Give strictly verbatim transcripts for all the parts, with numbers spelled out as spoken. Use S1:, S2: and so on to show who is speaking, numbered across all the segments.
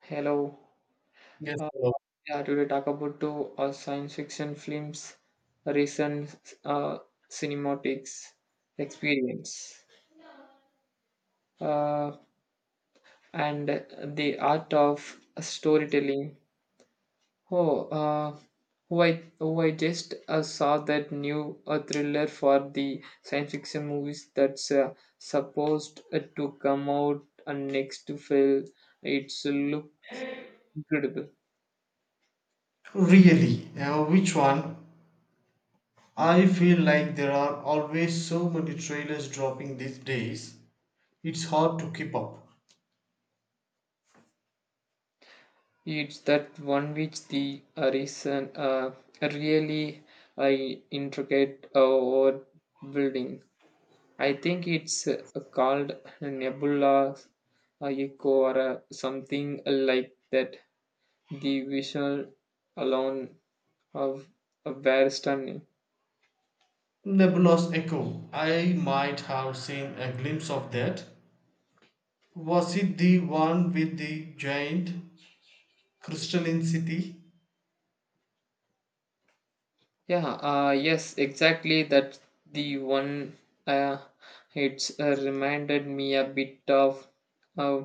S1: Hello.
S2: Yes,
S1: Uh,
S2: sir.
S1: yeah, today talk about two uh, science fiction films, recent uh, cinematics experience, uh, and the art of storytelling. Oh, uh, who I who I just uh, saw that new uh, thriller for the science fiction movies that's uh, supposed uh, to come out uh, next to film. It's look incredible.
S2: Really? Uh, which one? I feel like there are always so many trailers dropping these days. It's hard to keep up.
S1: It's that one which the uh, reason uh, really I intricate uh, over building. I think it's uh, called Nebula, uh, Echo, or uh, something like that. The visual alone of a very stunning.
S2: Nebulous Echo. I might have seen a glimpse of that. Was it the one with the giant crystalline city?
S1: Yeah, uh, yes, exactly. That's the one. Uh, it's uh, reminded me a bit of uh,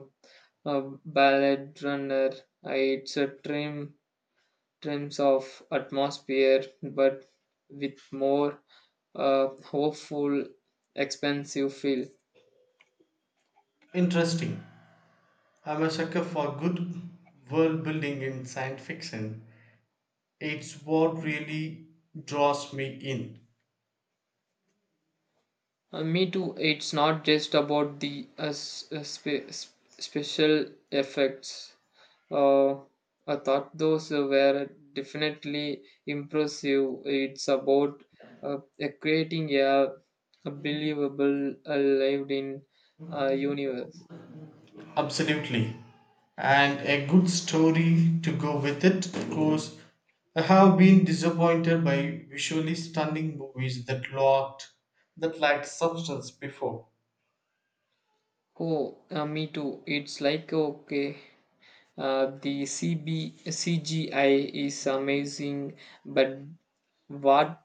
S1: a ballad runner. Uh, it's a trim trims of atmosphere, but with more uh, hopeful, expensive feel.
S2: Interesting. I'm a sucker for good world building in science fiction. It's what really draws me in.
S1: Uh, me too. It's not just about the uh, s- uh, spe- s- special effects. Uh, I thought those were definitely impressive. It's about uh, uh, creating a, a believable, uh, lived-in uh, universe.
S2: Absolutely. And a good story to go with it, of course. I have been disappointed by visually stunning movies that lacked that lacked substance before.
S1: Oh, uh, me too. It's like okay. Uh, the C B C G I is amazing, but what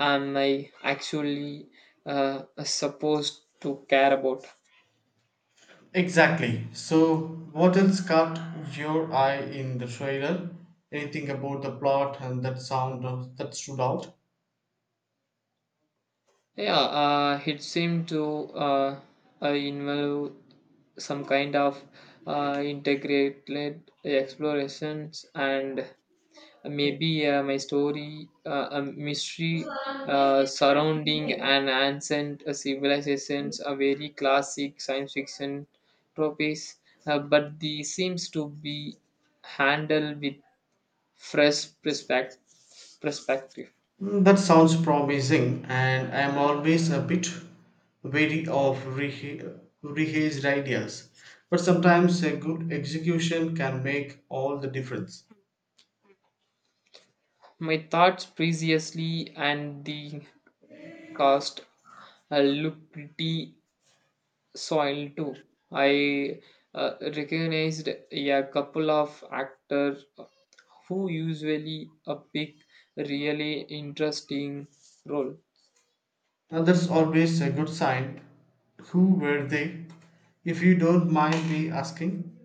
S1: am I actually uh, supposed to care about?
S2: Exactly. So what else caught your eye in the trailer? Anything about the plot and that sound of, that stood out?
S1: Yeah, uh, it seemed to uh, uh, involve some kind of uh, integrated explorations and maybe uh, my story, uh, a mystery uh, surrounding an ancient uh, civilizations, a very classic science fiction tropes, uh, but they seems to be handled with fresh perspective. perspective.
S2: Mm, that sounds promising, and I am always a bit wary of reha- rehased ideas. But sometimes a good execution can make all the difference.
S1: My thoughts previously and the cost uh, look pretty soil too. I uh, recognized a couple of actors who usually uh, pick really interesting role.
S2: And that's always a good sign. Who were they, if you don't mind me asking?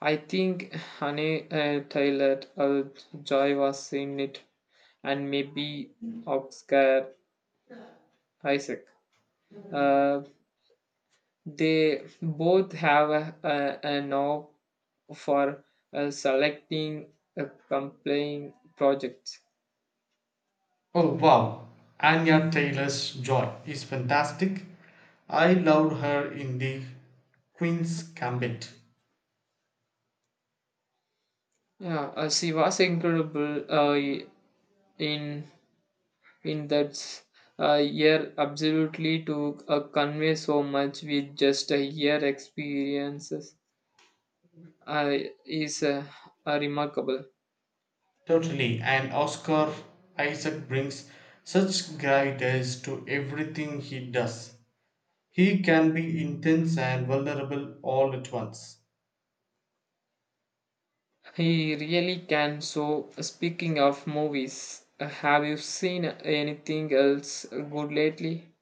S1: I think Honey uh, Tyler uh, Joy was in it, and maybe Oscar Isaac. Uh, they both have a, a, a knob for uh, selecting a compelling project.
S2: Oh wow, Anya Taylor's Joy is fantastic. I loved her in the Queen's Gambit.
S1: Yeah, uh, she was incredible uh, in in that uh, year. Absolutely, to uh, convey so much with just a year experiences uh, is uh, uh, remarkable.
S2: Totally, and Oscar Isaac brings such gravitas to everything he does. He can be intense and vulnerable all at once.
S1: He really can. So, speaking of movies, uh, have you seen anything else good lately?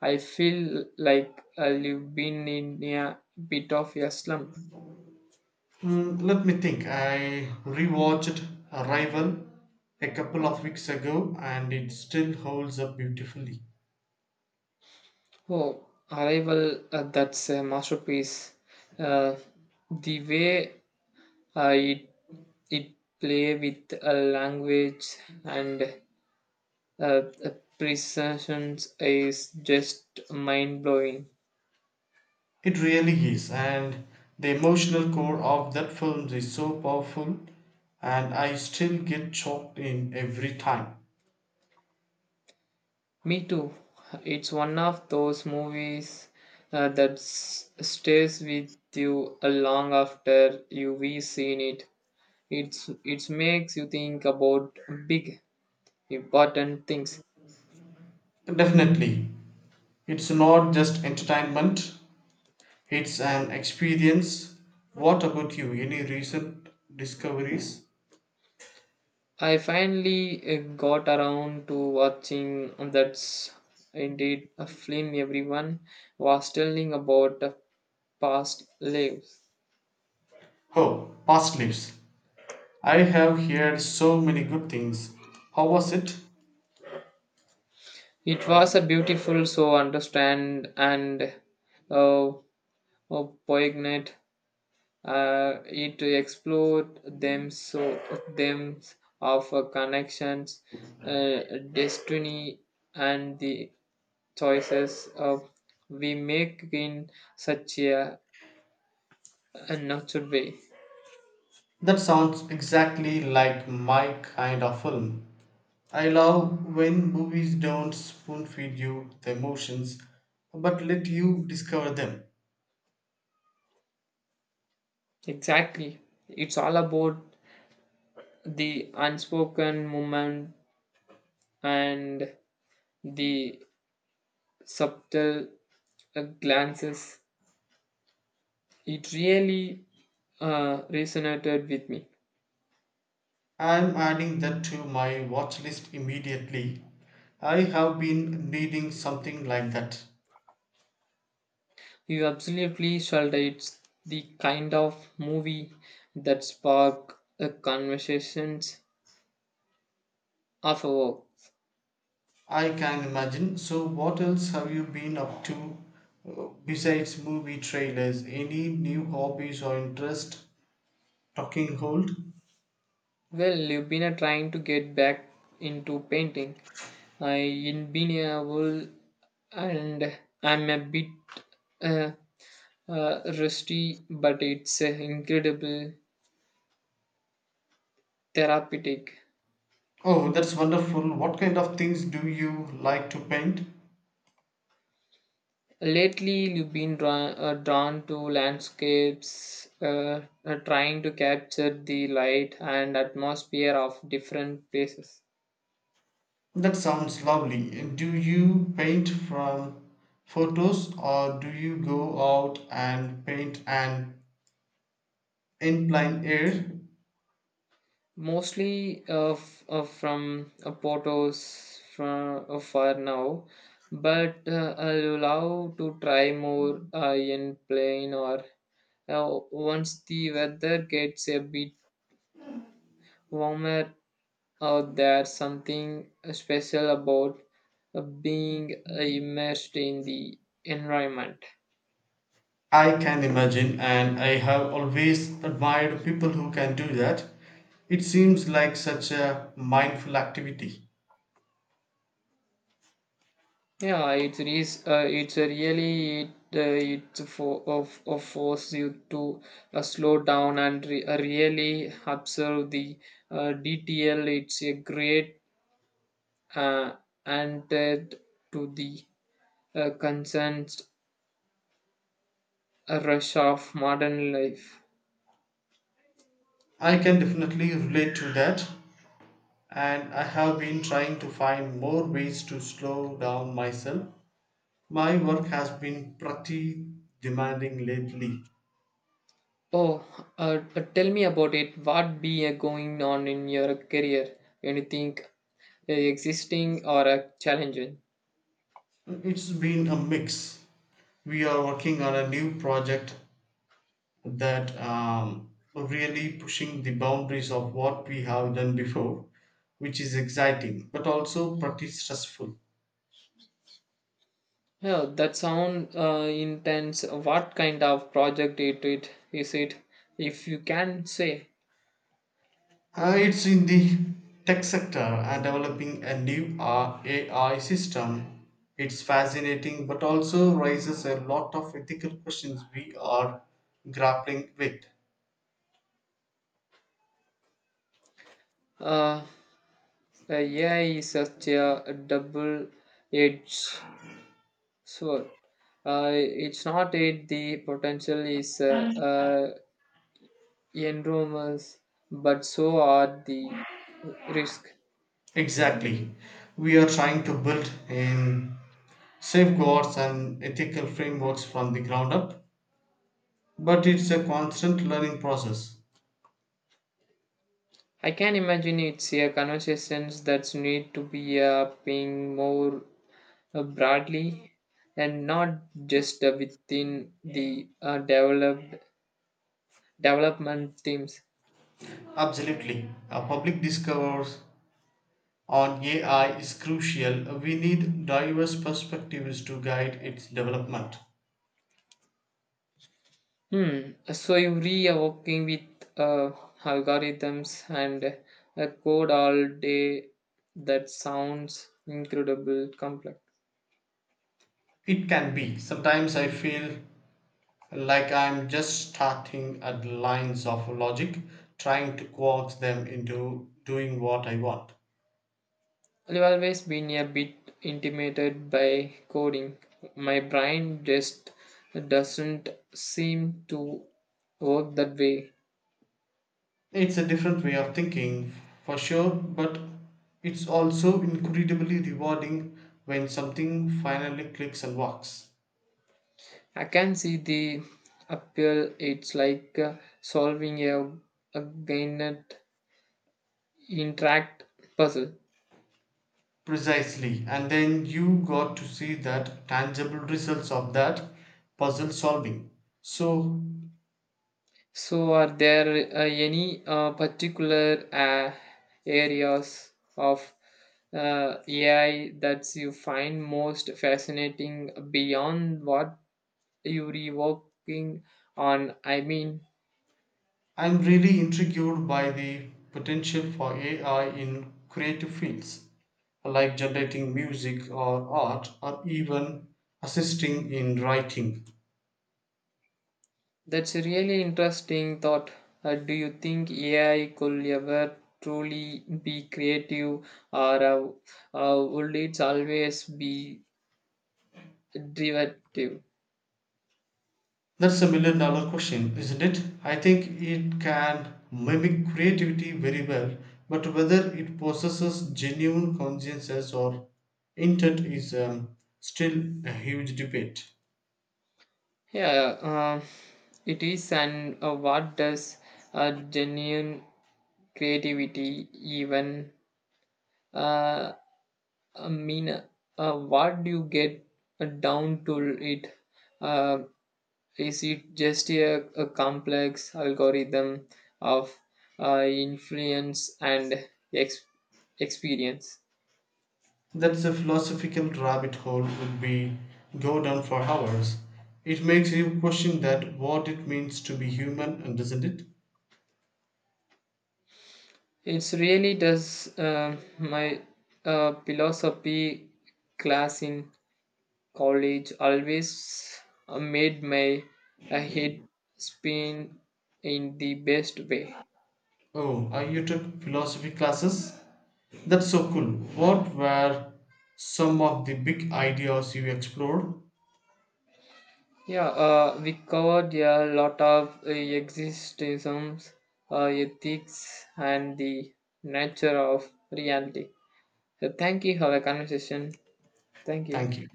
S1: I feel like uh, you've been in a bit of a slump.
S2: Mm, let me think. I rewatched Arrival a couple of weeks ago and it still holds up beautifully.
S1: Oh, Arrival, uh, that's a masterpiece. Uh, the way uh, it, it play with uh, language and uh, the precisions is just mind-blowing.
S2: It really is, and the emotional core of that film is so powerful, and I still get choked in every time.
S1: Me too. It's one of those movies uh, that s- stays with you uh, long after you've seen it. It's it makes you think about big, important things.
S2: Definitely, it's not just entertainment, it's an experience. What about you? Any recent discoveries?
S1: I finally uh, got around to watching that's indeed a film everyone was telling about the past lives.
S2: Oh, past lives. I have heard so many good things. How was it?
S1: It was a beautiful, so understand and uh, uh, poignant. Uh, it explored them so them of uh, connections, uh, destiny, and the choices uh, we make in such a A nurture way.
S2: That sounds exactly like my kind of film. I love when movies don't spoon feed you the emotions but let you discover them.
S1: Exactly. It's all about the unspoken movement and the subtle uh, glances. It really uh, resonated with me.
S2: I'm adding that to my watch list immediately. I have been needing something like that.
S1: You absolutely shall. It's the kind of movie that spark the conversations of a work.
S2: I can imagine. So, what else have you been up to, uh, besides movie trailers? Any new hobbies or interest talking hold?
S1: Well, you've been uh, trying to get back into painting. I've been a whole and I'm a bit uh, uh, rusty, but it's uh, incredible therapeutic.
S2: Oh, that's wonderful. What kind of things do you like to paint?
S1: Lately, you've been drawn, uh, drawn to landscapes, uh, uh, trying to capture the light and atmosphere of different places.
S2: That sounds lovely. And do you paint from photos or do you go out and paint an inclined air?
S1: Mostly uh, f- uh, from uh, Portos from uh, for now, but uh, I love to try more uh, in plane or uh, once the weather gets a bit warmer. Uh, there's something special about uh, being immersed in the environment.
S2: I can imagine, and I have always admired people who can do that. It seems like such a mindful activity.
S1: Yeah, it's is uh, it's a really it uh, it's for of, of force you to uh, slow down and re- uh, really observe the uh, detail. It's a great uh, antidote to the uh, constant rush of modern life.
S2: I can definitely relate to that, and I have been trying to find more ways to slow down myself. My work has been pretty demanding lately.
S1: Oh, uh, uh, tell me about it. What be uh, going on in your career? Anything uh, existing or uh, challenging?
S2: It's been a mix. We are working on a new project that um, really pushing the boundaries of what we have done before, which is exciting but also pretty stressful.
S1: Yeah, that sound uh, intense. What kind of project it, it is it? If you can say,
S2: Uh, it's in the tech sector and developing a new uh, A I system. It's fascinating but also raises a lot of ethical questions we are grappling with.
S1: uh, uh, A I is such a double-edged sword. Uh, it's not it. The potential is uh, uh, enormous, but so are the risk.
S2: Exactly. We are trying to build in safeguards and ethical frameworks from the ground up, but it's a constant learning process.
S1: I can imagine it's a conversations that need to be uh, paying more uh, broadly and not just uh, within the uh, developed development teams.
S2: Absolutely. Uh, public discourse on A I is crucial. We need diverse perspectives to guide its development.
S1: Hmm. So every uh, working with uh, algorithms and uh, code all day, that sounds incredible complex.
S2: It can be. Sometimes I feel like I'm just starting at the lines of logic, trying to coax them into doing what I want.
S1: I've always been a bit intimidated by coding. My brain just doesn't seem to work that way.
S2: It's a different way of thinking, for sure, but it's also incredibly rewarding when something finally clicks and works.
S1: I can see the appeal. It's like uh, solving a, a Gannett interact puzzle.
S2: Precisely. And then you got to see that tangible results of that puzzle solving. So
S1: So, are there uh, any uh, particular uh, areas of uh, A I that you find most fascinating beyond what you're working on? I mean,
S2: I'm really intrigued by the potential for A I in creative fields, like generating music or art, or even assisting in writing.
S1: that's a really interesting thought. Uh, do you think A I could ever truly be creative, or uh, uh, would it always be derivative?
S2: That's a million dollar question, isn't it? I think it can mimic creativity very well, but whether it possesses genuine consciences or intent is um, still a huge debate.
S1: Yeah, um it is. And uh, what does uh, genuine creativity even uh, mean? Uh, what do you get down to it? Uh, Is it just a, a complex algorithm of uh, influence and ex- experience?
S2: That's a philosophical rabbit hole would be go down for hours. It makes you question that what it means to be human, and doesn't it?
S1: It really does. um my uh, philosophy class in college always uh, made my uh, head spin in the best way.
S2: Oh, uh, you took philosophy classes? That's so cool. What were some of the big ideas you explored?
S1: Yeah, uh, we covered a lot of uh, existentialisms, uh, ethics, and the nature of reality. So thank you for the conversation. Thank you.
S2: Thank you.